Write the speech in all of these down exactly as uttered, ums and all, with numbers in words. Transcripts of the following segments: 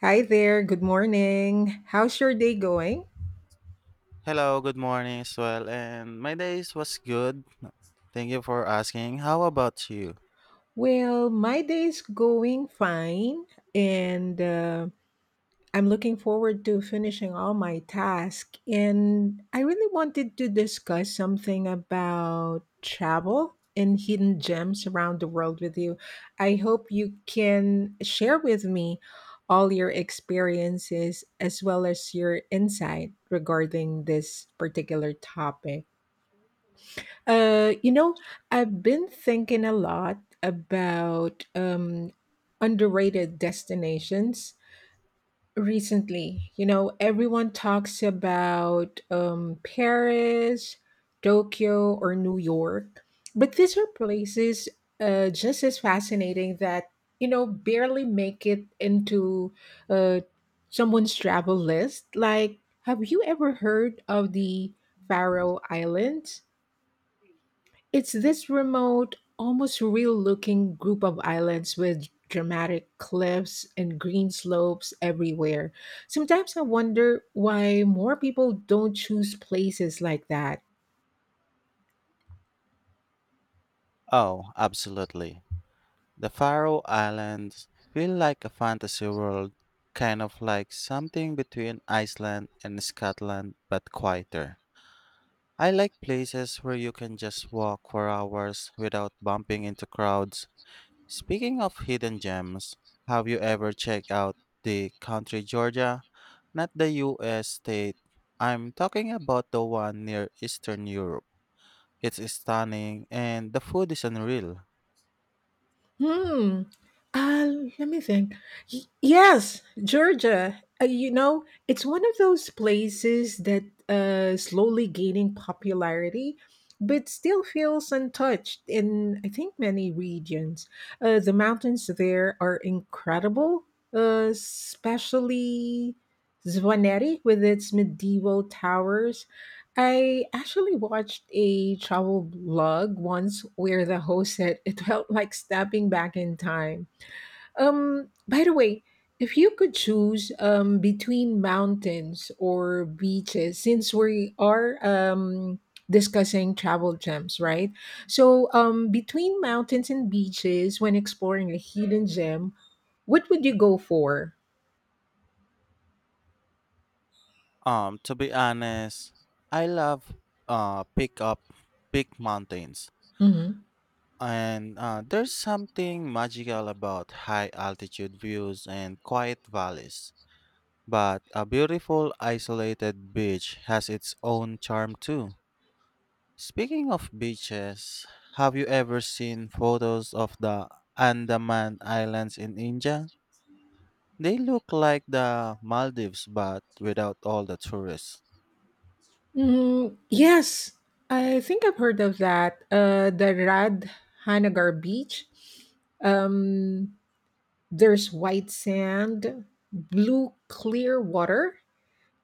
Hi there, good morning. How's your day going? Hello, good morning as well. And my days was good. Thank you for asking. How about you? Well, my day's going fine, and uh, I'm looking forward to finishing all my tasks. And I really wanted to discuss something about travel and hidden gems around the world with you. I hope you can share with me all your experiences as well as your insight regarding this particular topic. Uh, you know, Sure. I've been thinking a lot about um, underrated destinations recently. You know, everyone talks about um, Paris, Tokyo, or New York, but these are places uh, just as fascinating that, you know, barely make it into uh, someone's travel list. Like, have you ever heard of the Faroe Islands? It's this remote, almost real looking group of islands with dramatic cliffs and green slopes everywhere. Sometimes I wonder why more people don't choose places like that. Oh, absolutely. The Faroe Islands feel like a fantasy world, kind of like something between Iceland and Scotland, but quieter. I like places where you can just walk for hours without bumping into crowds. Speaking of hidden gems, have you ever checked out the country Georgia? Not the U S state. I'm talking about the one near Eastern Europe. It's stunning and the food is unreal. Hmm. Uh, Let me think. Y- yes, Georgia. Uh, you know, it's one of those places that uh, slowly gaining popularity, but still feels untouched in I think many regions. Uh, the mountains there are incredible, uh, especially Zvaneri with its medieval towers. I actually watched a travel vlog once where the host said it felt like stepping back in time. Um, by the way, if you could choose um, between mountains or beaches, since we are um, discussing travel gems, right? So, um, between mountains and beaches, when exploring a hidden gem, what would you go for? Um, to be honest, I love uh pick up big mountains. Mm-hmm. And uh, there's something magical about high altitude views and quiet valleys. But a beautiful isolated beach has its own charm too. Speaking of beaches, have you ever seen photos of the Andaman Islands in India? They look like the Maldives but without all the tourists. Mm, yes, I think I've heard of that. Uh, the Rad Hanagar Beach. Um, there's white sand, blue clear water,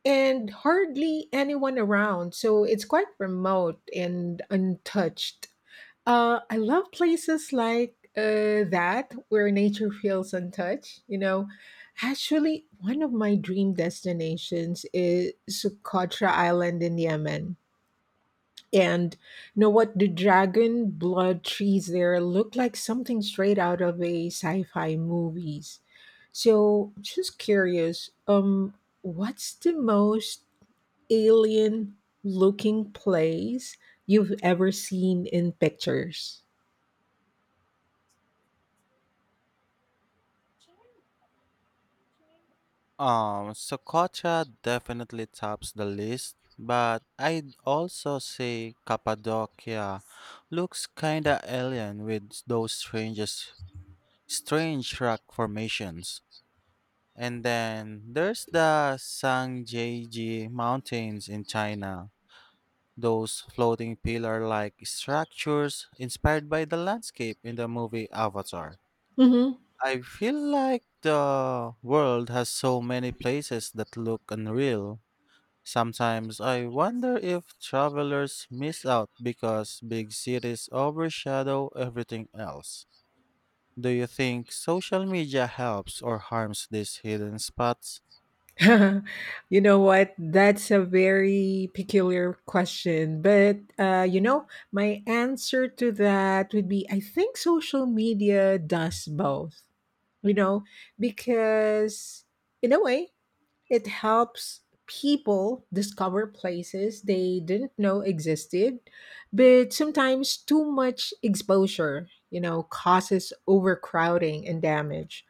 and hardly anyone around. So it's quite remote and untouched. Uh, I love places like uh, that where nature feels untouched. You know, actually, one of my dream destinations is Socotra Island in Yemen. And you know what? The dragon blood trees there look like something straight out of a sci-fi movies. So just curious, um, what's the most alien looking place you've ever seen in pictures? Um, Socotra definitely tops the list, but I'd also say Cappadocia looks kinda alien with those strangest, strange rock formations. And then there's the Sangjaeji Mountains in China. Those floating pillar like structures inspired by the landscape in the movie Avatar. Hmm. I feel like the world has so many places that look unreal. Sometimes I wonder if travelers miss out because big cities overshadow everything else. Do you think social media helps or harms these hidden spots? You know what? That's a very peculiar question. But, uh, you know, my answer to that would be I think social media does both. You know, because in a way, it helps people discover places they didn't know existed. But sometimes too much exposure, you know, causes overcrowding and damage.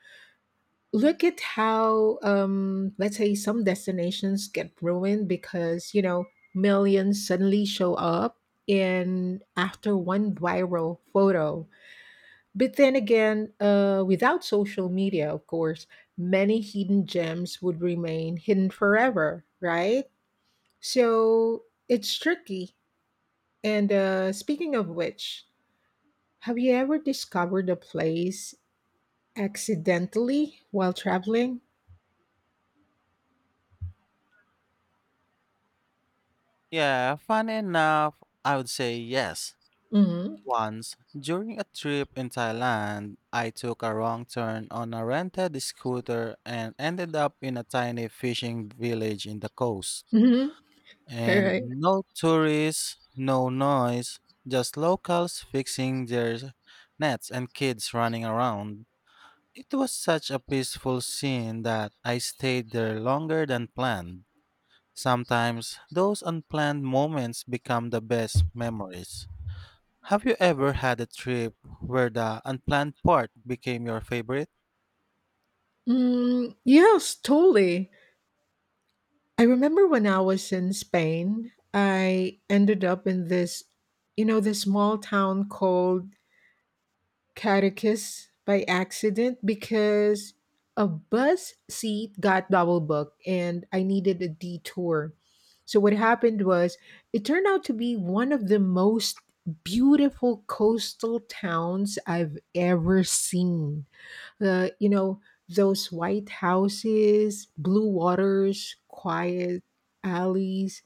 Look at how, um, let's say, some destinations get ruined because, you know, millions suddenly show up in after one viral photo, but then again, uh, without social media, of course, many hidden gems would remain hidden forever, right? So it's tricky. And uh, speaking of which, have you ever discovered a place accidentally while traveling? Yeah, funny enough, I would say yes. Mm-hmm. Once, during a trip in Thailand, I took a wrong turn on a rented scooter and ended up in a tiny fishing village in the coast. Mm-hmm. All And right. no tourists, no noise, just locals fixing their nets and kids running around. It was such a peaceful scene that I stayed there longer than planned. Sometimes those unplanned moments become the best memories. Have you ever had a trip where the unplanned part became your favorite? Mm, yes, totally. I remember when I was in Spain, I ended up in this, you know, this small town called catechist by accident because a bus seat got double booked and I needed a detour. So, what happened was it turned out to be one of the most beautiful coastal towns I've ever seen. The, you know, those white houses, blue waters, quiet alleys.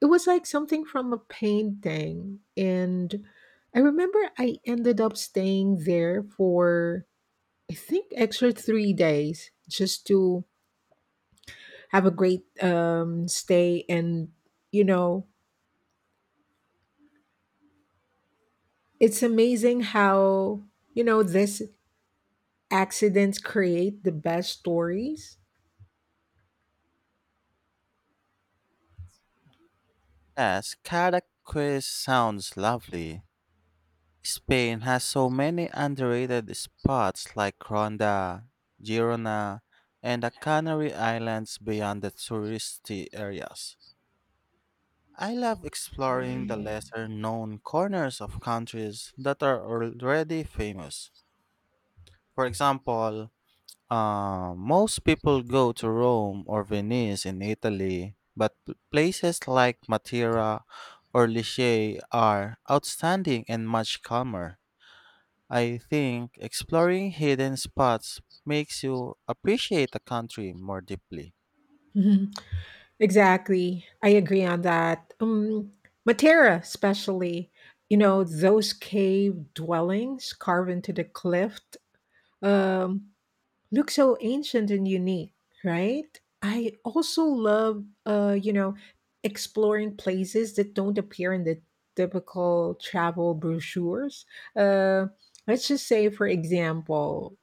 It was like something from a painting, and I remember I ended up staying there for I think extra three days just to have a great um, stay, and you know it's amazing how, you know, this accidents create the best stories. Yes, Cadaqués sounds lovely. Spain has so many underrated spots like Ronda, Girona, and the Canary Islands beyond the touristy areas. I love exploring the lesser known corners of countries that are already famous. For example, Uh, most people go to Rome or Venice in Italy, but p- places like Matera or Lichee are outstanding and much calmer. I think exploring hidden spots makes you appreciate the country more deeply. Exactly. I agree on that. Um, Matera, especially, you know, those cave dwellings carved into the cliff um, look so ancient and unique, right? I also love, uh, you know, exploring places that don't appear in the typical travel brochures. Uh, let's just say, for example,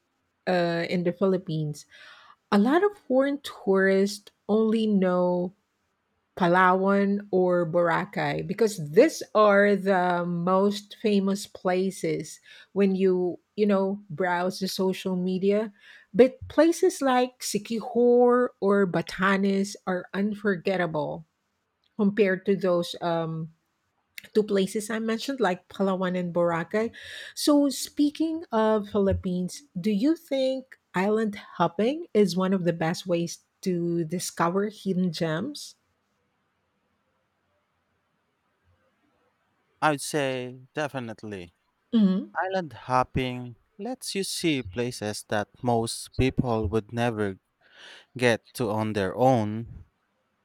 uh, in the Philippines, a lot of foreign tourists only know Palawan or Boracay because these are the most famous places when you you know, browse the social media, but places like Siquijor or Batanes are unforgettable compared to those um two places I mentioned like Palawan and Boracay. So speaking of Philippines, do you think island hopping is one of the best ways to discover hidden gems? I'd say definitely. Hmm. Island hopping lets you see places that most people would never get to on their own.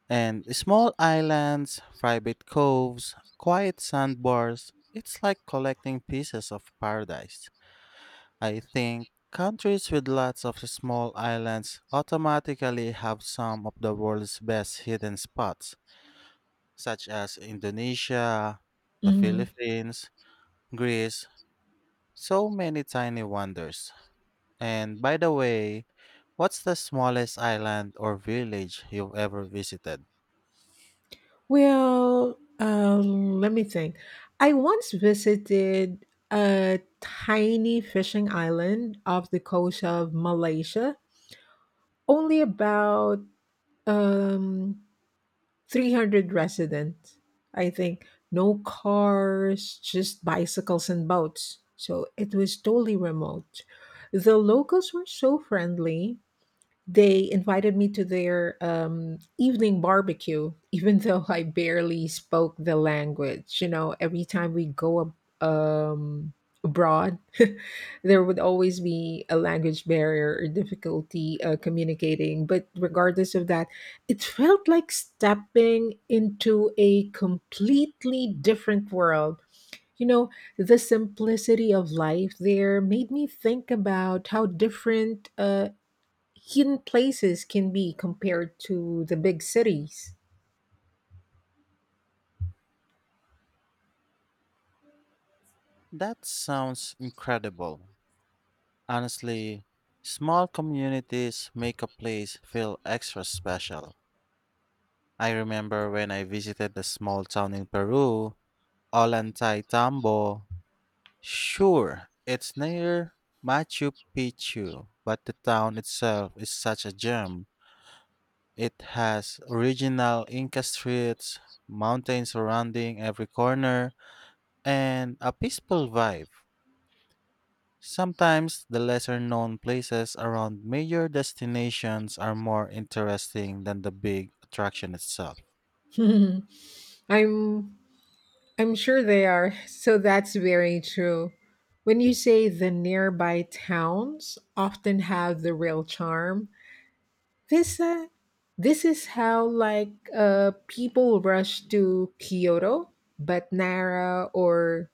And small islands, private coves, quiet sandbars, it's like collecting pieces of paradise. I think countries with lots of small islands automatically have some of the world's best hidden spots, such as Indonesia, the Philippines, Greece, so many tiny wonders. And by the way, what's the smallest island or village you've ever visited? Well, uh, let me think. I once visited a tiny fishing island off the coast of Malaysia, only about um, three hundred residents, I think. No cars, just bicycles and boats. So it was totally remote. The locals were so friendly, they invited me to their um, evening barbecue, even though I barely spoke the language. You know, every time we go ab- um, abroad, there would always be a language barrier or difficulty uh, communicating. But regardless of that, it felt like stepping into a completely different world. You know, the simplicity of life there made me think about how different uh, hidden places can be compared to the big cities. That sounds incredible. Honestly, small communities make a place feel extra special. I remember when I visited a small town in Peru, Ollantaytambo. Sure, it's near Machu Picchu, but the town itself is such a gem. It has original Inca streets, mountains surrounding every corner, and a peaceful vibe. Sometimes the lesser known places around major destinations are more interesting than the big attraction itself. I'm I'm sure they are. So that's very true. When you say the nearby towns often have the real charm, this uh, this is how like uh, people rush to Kyoto, but Nara or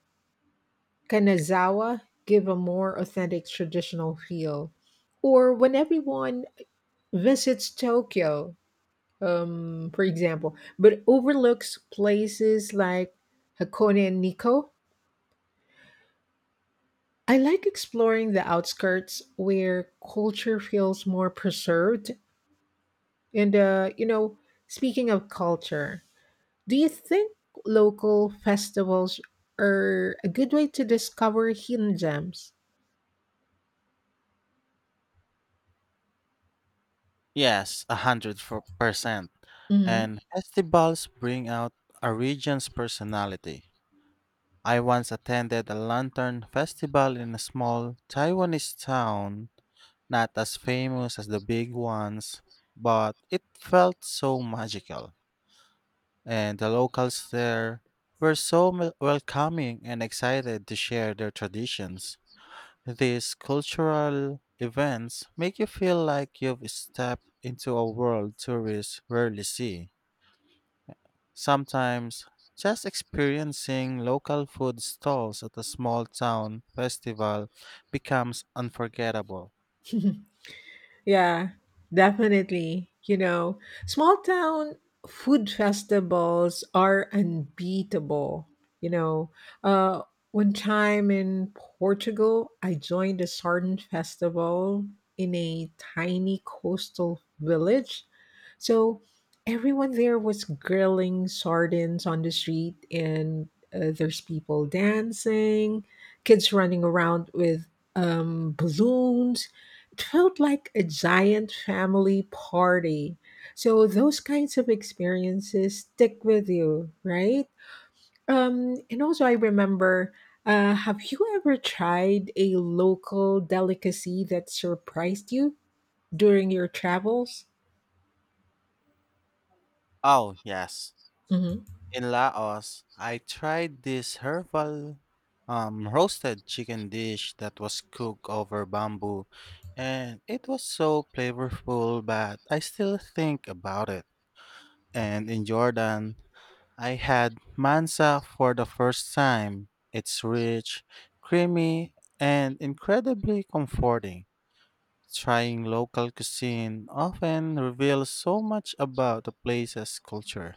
Kanazawa give a more authentic traditional feel. Or when everyone visits Tokyo, um, for example, but overlooks places like Hakone and Nikko. I like exploring the outskirts where culture feels more preserved. And, uh, you know, speaking of culture, do you think local festivals are a good way to discover hidden gems? Yes, a hundred fo- percent. Hmm. And festivals bring out a region's personality. I once attended a lantern festival in a small Taiwanese town, not as famous as the big ones, but it felt so magical. And the locals there were so mel- welcoming and excited to share their traditions. These cultural events make you feel like you've stepped into a world tourists rarely see. Sometimes, just experiencing local food stalls at a small town festival becomes unforgettable. Yeah, definitely. You know, small town food festivals are unbeatable. You know, uh, one time in Portugal, I joined a sardine festival in a tiny coastal village. So everyone there was grilling sardines on the street, and uh, there's people dancing, kids running around with um, balloons, felt like a giant family party. So those kinds of experiences stick with you, right? Um, and also, I remember. Uh, have you ever tried a local delicacy that surprised you during your travels? Oh, yes. Hmm. In Laos, I tried this herbal um, roasted chicken dish that was cooked over bamboo, and it was so flavorful, but I still think about it. And in Jordan, I had mansa for the first time. It's rich, creamy, and incredibly comforting. Trying local cuisine often reveals so much about a place's culture.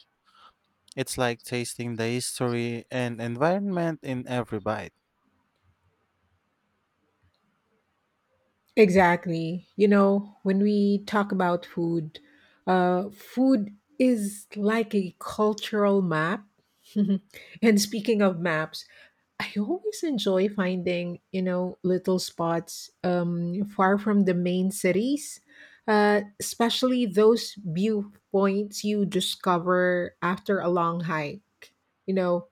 It's like tasting the history and environment in every bite. Exactly. You know, when we talk about food, uh, food is like a cultural map. And speaking of maps, I always enjoy finding, you know, little spots um, far from the main cities, uh, especially those viewpoints you discover after a long hike. You know,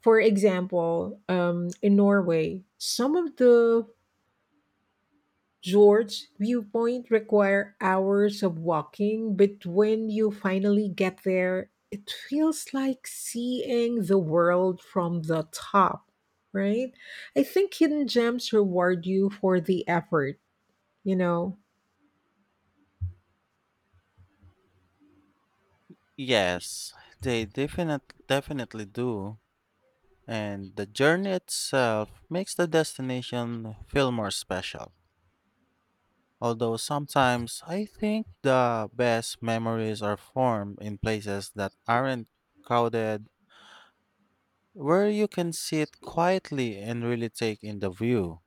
for example, um, in Norway, some of the George's viewpoint require hours of walking, but when you finally get there, it feels like seeing the world from the top, right? I think hidden gems reward you for the effort, you know. Yes, they definite, definitely do. And the journey itself makes the destination feel more special. Although sometimes I think the best memories are formed in places that aren't crowded, where you can sit quietly and really take in the view.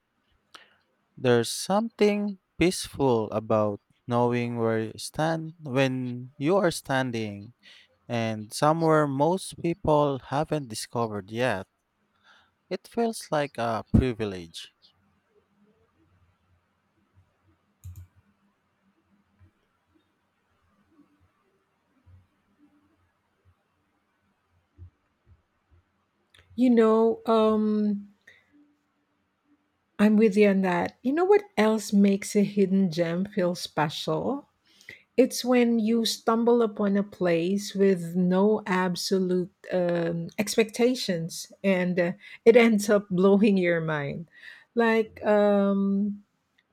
There's something peaceful about knowing where you stand when you are standing and somewhere most people haven't discovered yet. It feels like a privilege. You know, um I'm with you on that. You know what else makes a hidden gem feel special? It's when you stumble upon a place with no absolute um, expectations, and uh, it ends up blowing your mind. Like um,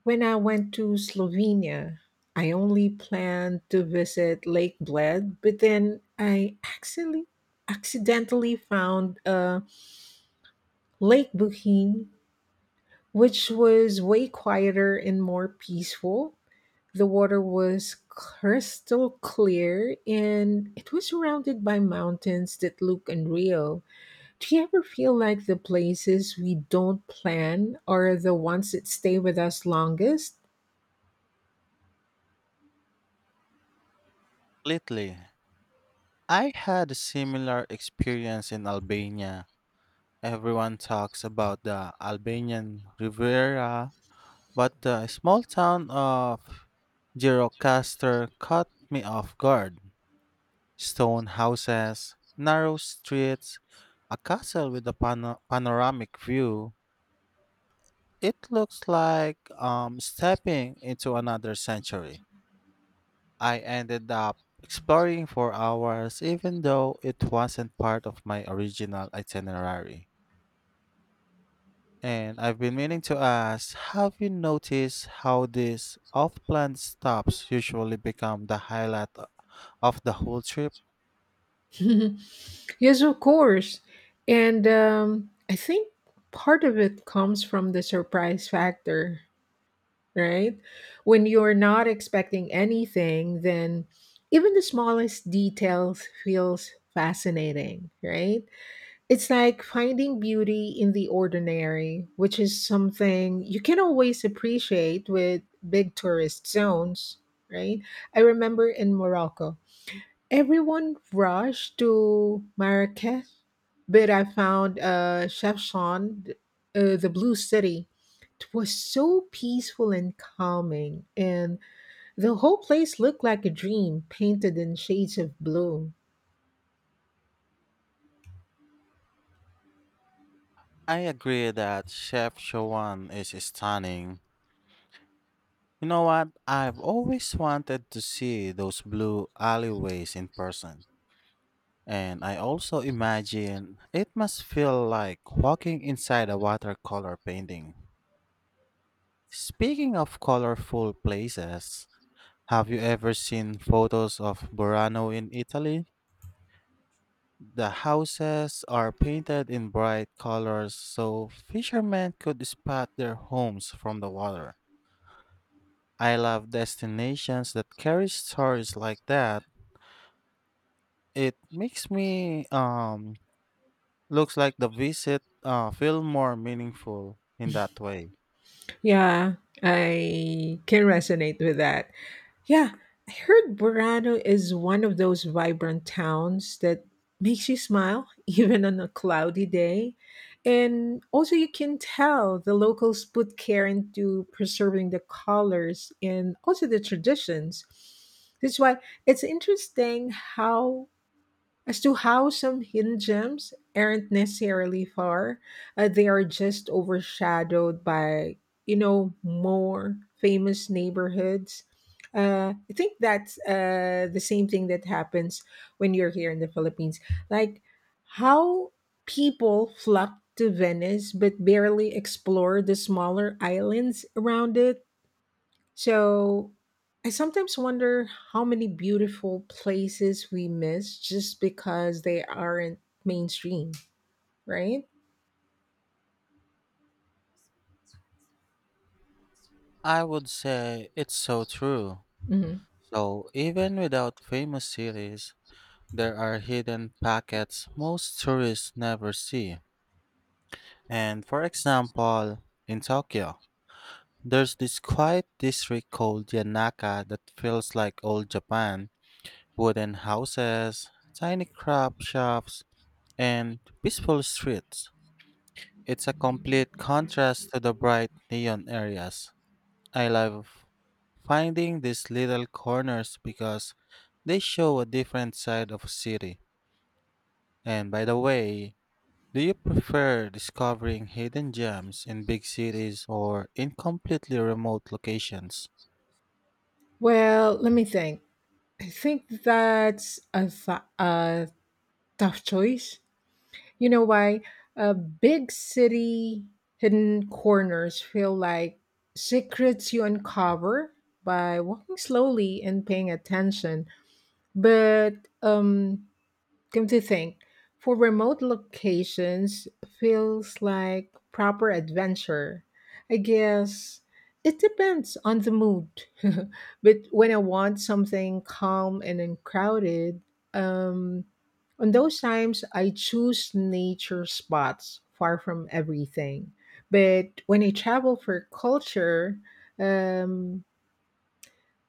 when I went to Slovenia, I only planned to visit Lake Bled, but then I actually accidentally found uh, Lake Buhin, which was way quieter and more peaceful. The water was crystal clear and it was surrounded by mountains that look unreal. Do you ever feel like the places we don't plan are the ones that stay with us longest? Lately, I had a similar experience in Albania. Everyone talks about the Albanian Riviera, but the small town of Girocaster caught me off guard. Stone houses, narrow streets, a castle with a pano- panoramic view. It looks like um, stepping into another century. I ended up exploring for hours, even though it wasn't part of my original itinerary. And I've been meaning to ask, have you noticed how these off plan stops usually become the highlight o- of the whole trip? Yes, of course. And um, I think part of it comes from the surprise factor, right? When you're not expecting anything, then even the smallest details feels fascinating, right? It's like finding beauty in the ordinary, which is something you can always appreciate with big tourist zones, right? I remember in Morocco, everyone rushed to Marrakech, but I found uh, Chefchaouen, uh, the Blue City. It was so peaceful and calming, and the whole place looked like a dream painted in shades of blue. I agree that Chef Showan is stunning. You know what? I've always wanted to see those blue alleyways in person. And I also imagine it must feel like walking inside a watercolor painting. Speaking of colorful places, have you ever seen photos of Burano in Italy? The houses are painted in bright colors so fishermen could spot their homes from the water. I love destinations that carry stories like that. It makes me um looks like the visit uh feel more meaningful in that way. Yeah, I can resonate with that. Yeah, I heard Burano is one of those vibrant towns that makes you smile even on a cloudy day. And also, you can tell the locals put care into preserving the colors and also the traditions. That's why it's interesting how as to how some hidden gems aren't necessarily far, uh, they are just overshadowed by, you know, more famous neighborhoods. Uh, I think that's uh, the same thing that happens when you're here in the Philippines. Like how people flock to Venice but barely explore the smaller islands around it. So I sometimes wonder how many beautiful places we miss just because they aren't mainstream, right? I would say it's so true. Hmm. So even without famous cities, there are hidden pockets most tourists never see. And for example, in Tokyo, there's this quiet district called Yanaka that feels like old Japan, wooden houses, tiny crab shops, and peaceful streets. It's a complete contrast to the bright neon areas. I love finding these little corners because they show a different side of a city. And by the way, do you prefer discovering hidden gems in big cities or in completely remote locations? Well, let me think. I think that's a, th- a tough choice. You know why? Uh, big city hidden corners feel like secrets you uncover by walking slowly and paying attention. But um, come to think, for remote locations feels like proper adventure. I guess it depends on the mood. But when I want something calm and uncrowded, um, on those times I choose nature spots far from everything. But when I travel for culture, um,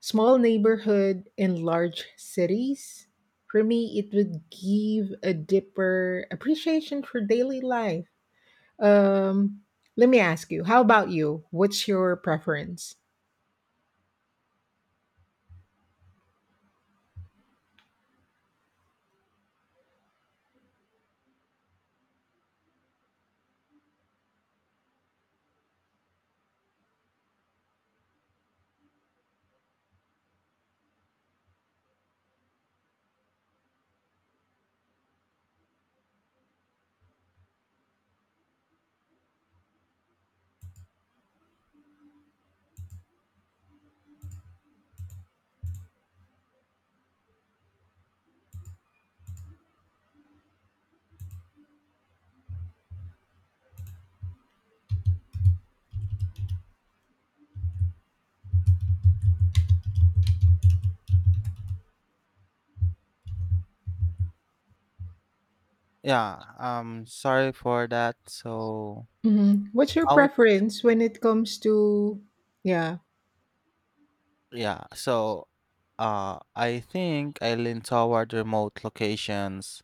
small neighborhood in large cities? For me, it would give a deeper appreciation for daily life. Um, Let me ask you, how about you? What's your preference? Yeah, um sorry for that. So Hmm. What's your I would preference when it comes to, yeah. yeah, so uh I think I lean toward remote locations.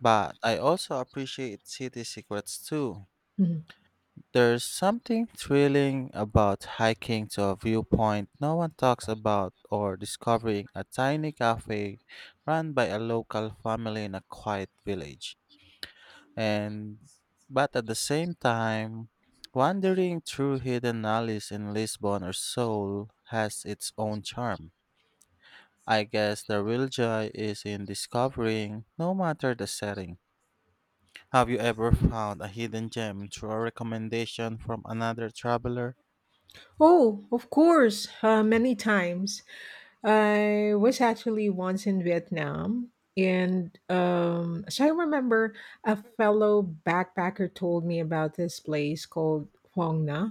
But I also appreciate city secrets too. Mhm. There's something thrilling about hiking to a viewpoint no one talks about or discovering a tiny cafe run by a local family in a quiet village. And but at the same time, wandering through hidden alleys in Lisbon or Seoul has its own charm. I guess the real joy is in discovering no matter the setting. Have you ever found a hidden gem through a recommendation from another traveler? Oh, of course, uh, many times. I was actually once in Vietnam, and um, so I remember a fellow backpacker told me about this place called Hoang Na.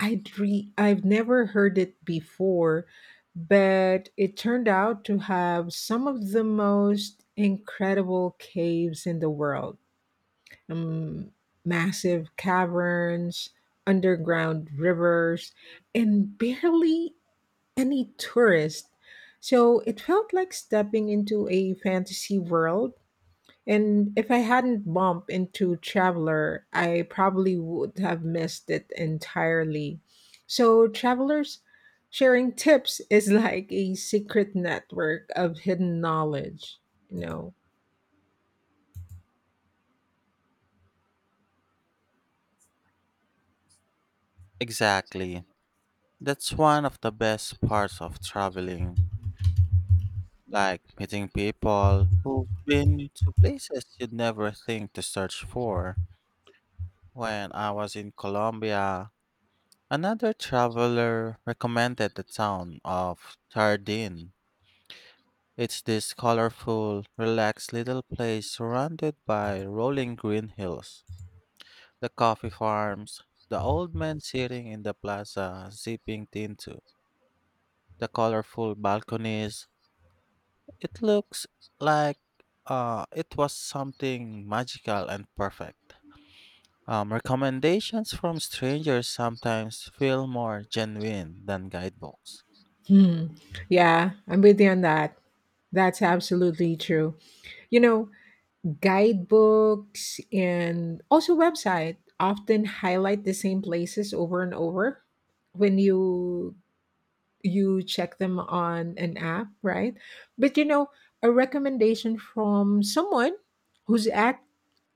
I'd re- I've never heard it before, but it turned out to have some of the most incredible caves in the world. Um, Massive caverns, underground rivers, and barely any tourist. So it felt like stepping into a fantasy world. And if I hadn't bumped into Traveler, I probably would have missed it entirely. So, travelers sharing tips is like a secret network of hidden knowledge, you know. Exactly. That's one of the best parts of traveling, like meeting people who've been to places you'd never think to search for. When I was in Colombia, another traveler recommended the town of Tardin. It's this colorful, relaxed little place surrounded by rolling green hills. The coffee farms, the old man sitting in the plaza sipping tinto, the colorful balconies. It looks like uh, it was something magical and perfect. Um, recommendations from strangers sometimes feel more genuine than guidebooks. Hmm. Yeah, I'm with you on that. That's absolutely true. You know, guidebooks and also website often highlight the same places over and over. When you you check them on an app, right? But you know, a recommendation from someone who's act-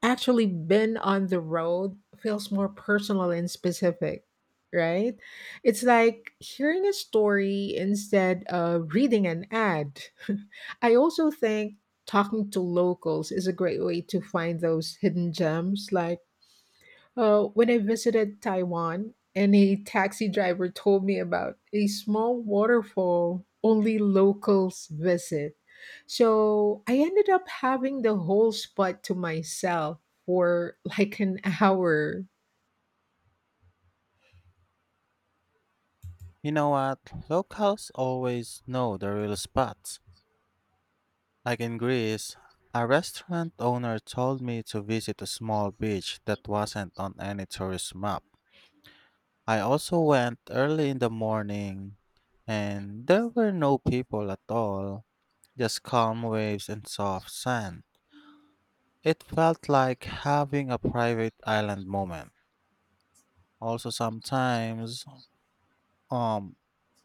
actually been on the road feels more personal and specific, right? It's like hearing a story instead of reading an ad. I also think talking to locals is a great way to find those hidden gems like uh, when I visited Taiwan, and a taxi driver told me about a small waterfall only locals visit. So I ended up having the whole spot to myself for like an hour. You know what? Locals always know the real spots. Like in Greece, a restaurant owner told me to visit a small beach that wasn't on any tourist map. I also went early in the morning, and there were no people at all, just calm waves and soft sand. It felt like having a private island moment. Also, sometimes, um,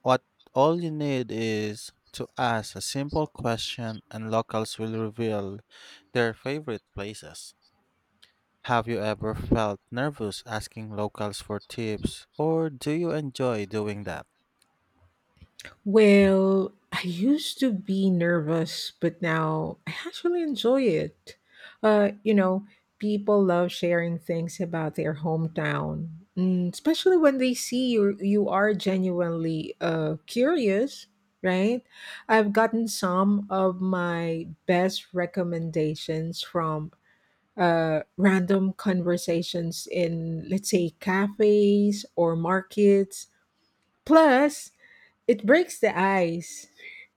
what all you need is to ask a simple question, and locals will reveal their favorite places. Have you ever felt nervous asking locals for tips, or do you enjoy doing that? Well, I used to be nervous, but now I actually enjoy it. Uh, you know, people love sharing things about their hometown, mm, especially when they see you you are genuinely uh curious, right? I've gotten some of my best recommendations from uh random conversations in let's say cafes or markets. Plus, it breaks the ice,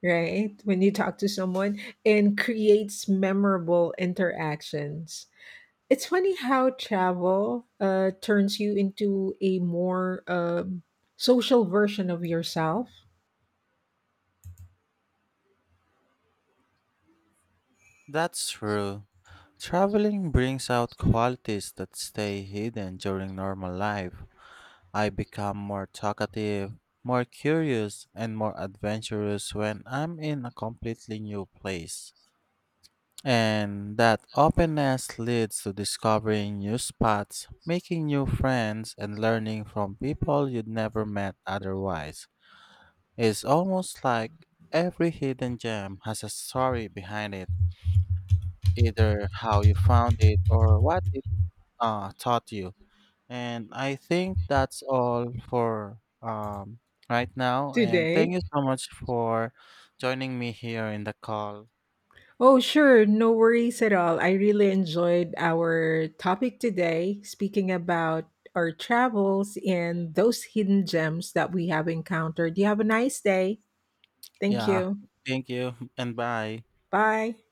right? When you talk to someone and creates memorable interactions. It's funny how travel uh, turns you into a more um, social version of yourself That's true. Traveling brings out qualities that stay hidden during normal life. I become more talkative, more curious, and more adventurous when I'm in a completely new place. And that openness leads to discovering new spots, making new friends, and learning from people you'd never met otherwise. It's almost like every hidden gem has a story behind it, either how you found it or what uh, taught you. And I think that's all for um, right now. And thank you today. so much for joining me here in the call. Oh, sure. No worries at all. I really enjoyed our topic today, speaking about our travels and those hidden gems that we have encountered. You have a nice day. Thank Yeah, you. thank you and bye. Bye.